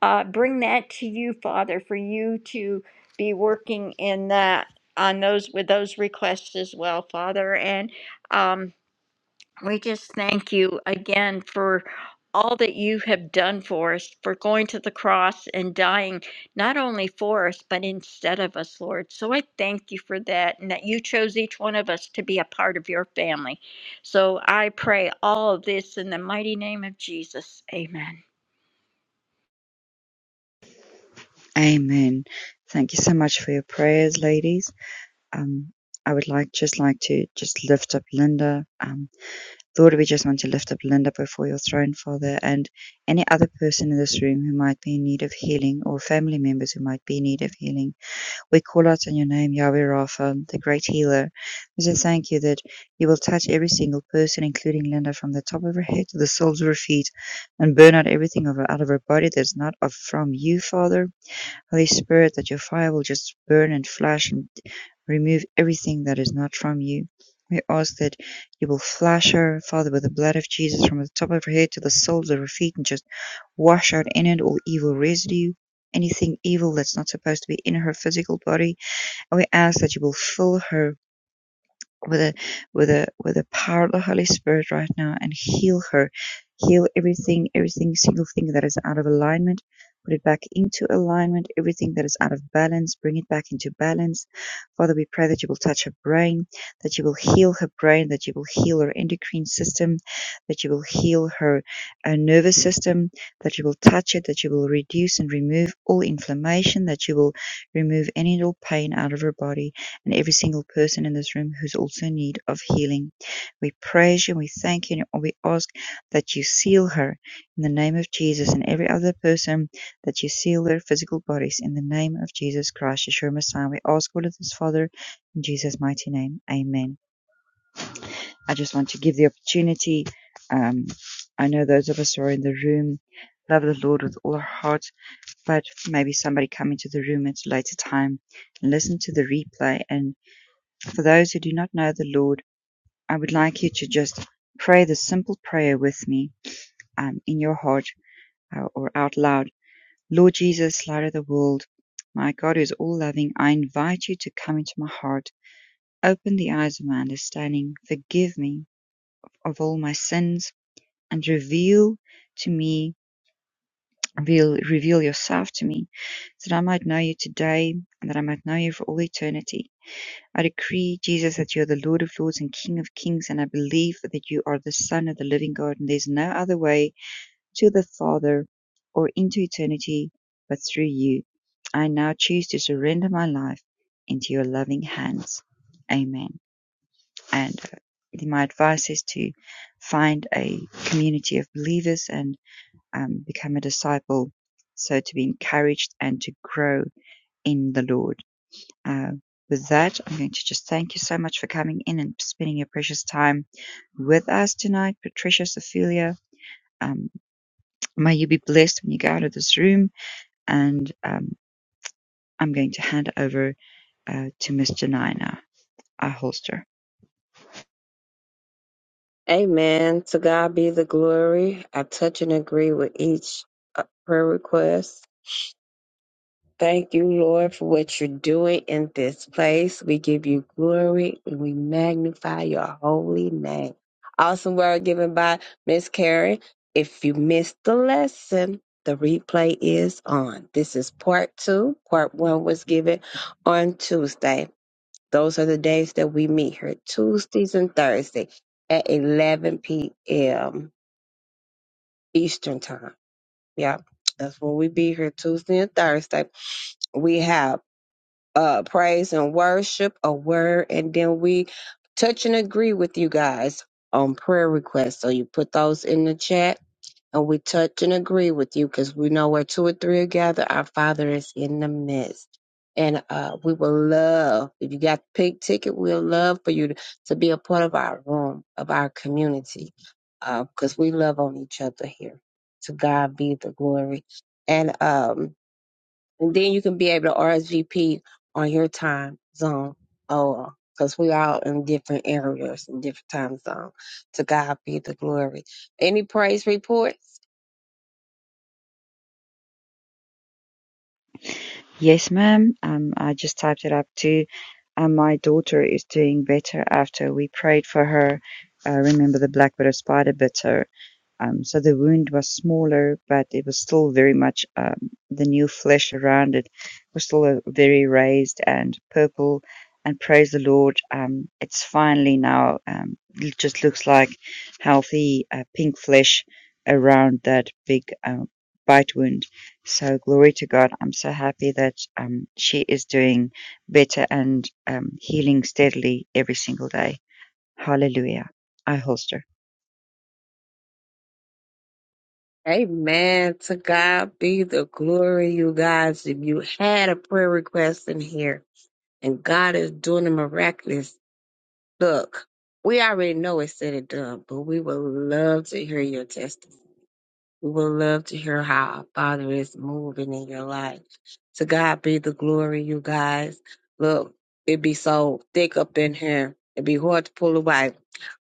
uh, bring that to you, Father, for you to be working in that on those with those requests as well, Father. And um, we just thank you again for all that you have done for us, for going to the cross and dying not only for us, but instead of us, Lord. So I thank you for that and that you chose each one of us to be a part of your family. So I pray all of this in the mighty name of Jesus. Amen. Amen. Thank you so much for your prayers, ladies. Um, I would like just like to just lift up Linda. Um, Lord, we just want to lift up Linda before your throne, Father, and any other person in this room who might be in need of healing or family members who might be in need of healing. We call out on your name, Yahweh Rapha, the great healer. We say thank you that you will touch every single person, including Linda, from the top of her head to the soles of her feet, and burn out everything of her, out of her body that's not of from you, Father Holy Spirit, that your fire will just burn and flash and remove everything that is not from you. We ask that you will flash her, Father, with the blood of Jesus from the top of her head to the soles of her feet and just wash out in it all evil residue, anything evil that's not supposed to be in her physical body. And we ask that you will fill her with the with the with the power of the Holy Spirit right now and heal her, heal everything, everything single thing that is out of alignment, put it back into alignment. Everything that is out of balance, bring it back into balance. Father, we pray that you will touch her brain, that you will heal her brain, that you will heal her endocrine system, that you will heal her uh, nervous system, that you will touch it, that you will reduce and remove all inflammation, that you will remove any and all pain out of her body and every single person in this room who's also in need of healing. We praise you, we thank you, and we ask that you seal her in the name of Jesus and every other person that you seal their physical bodies in the name of Jesus Christ, Yeshua Messiah. We ask all of this, Father, in Jesus' mighty name. Amen. I just want to give the opportunity. Um, I know those of us who are in the room love the Lord with all our heart, but maybe somebody come into the room at a later time and listen to the replay. and. For those who do not know the Lord, I would like you to just pray this simple prayer with me um, in your heart uh, or out loud. Lord Jesus, light of the world, my God who is all loving, I invite you to come into my heart. Open the eyes of my understanding. Forgive me of all my sins and reveal to me, reveal, reveal yourself to me so that I might know you today and that I might know you for all eternity. I decree, Jesus, that you are the Lord of Lords and King of Kings, and I believe that you are the Son of the living God, and there's no other way to the Father or into eternity but through you. I now choose to surrender my life into your loving hands. Amen. And uh, my advice is to find a community of believers and um, become a disciple, so to be encouraged and to grow in the Lord. Uh, with that, I'm going to just thank you so much for coming in and spending your precious time with us tonight, Patricia, Sophia. Um, may you be blessed when you go out of this room. And um, I'm going to hand over uh, to Miss Janina, our holster. Amen. To God be the glory. I touch and agree with each uh, prayer request. Thank you, Lord, for what you're doing in this place. We give you glory and we magnify your holy name. Awesome word given by Miss Karen. If you missed the lesson, the replay is on. This is part two. Part one was given on Tuesday. Those are the days that we meet here, Tuesdays and Thursday at 11 p.m. Eastern Time. Yeah, that's when we be here Tuesday and Thursday. We have uh, praise and worship, a word, and then we touch and agree with you guys on prayer requests. So you put those in the chat and we touch and agree with you because we know where two or three are gathered, our Father is in the midst. And uh, we will love, if you got the pink ticket, we'll love for you to, to be a part of our room, of our community, because we love on each other here. To God be the glory. And um, and then you can be able to RSVP on your time zone. Oh, because we all in different areas and different time zones. To God be the glory. Any praise reports? Yes, ma'am. Um, I just typed it up too. and my daughter is doing better after we prayed for her. Uh, remember the black widow spider bit her um, so the wound was smaller, but it was still very much um, the new flesh around it was still uh, very raised and purple. And praise the Lord, um, it's finally now um, it just looks like healthy uh, pink flesh around that big um, bite wound. So glory to God. I'm so happy that um, she is doing better and um, healing steadily every single day. Hallelujah. I holster. Amen. To God be the glory, you guys. If you had a prayer request in here and God is doing a miraculous look, we already know it's said and done, but we would love to hear your testimony We would love to hear how our Father is moving in your life. To God be the glory, you guys. Look, it be so thick up in here. It'd be hard to pull away.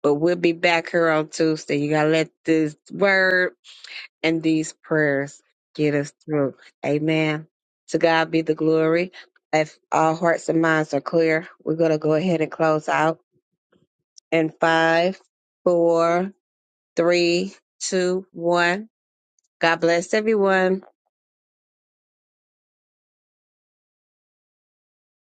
But we'll be back here on Tuesday. You gotta let this word and these prayers get us through. Amen. To God be the glory. If all hearts and minds are clear, we're gonna go ahead and close out in five, four, three, two, one. God bless everyone.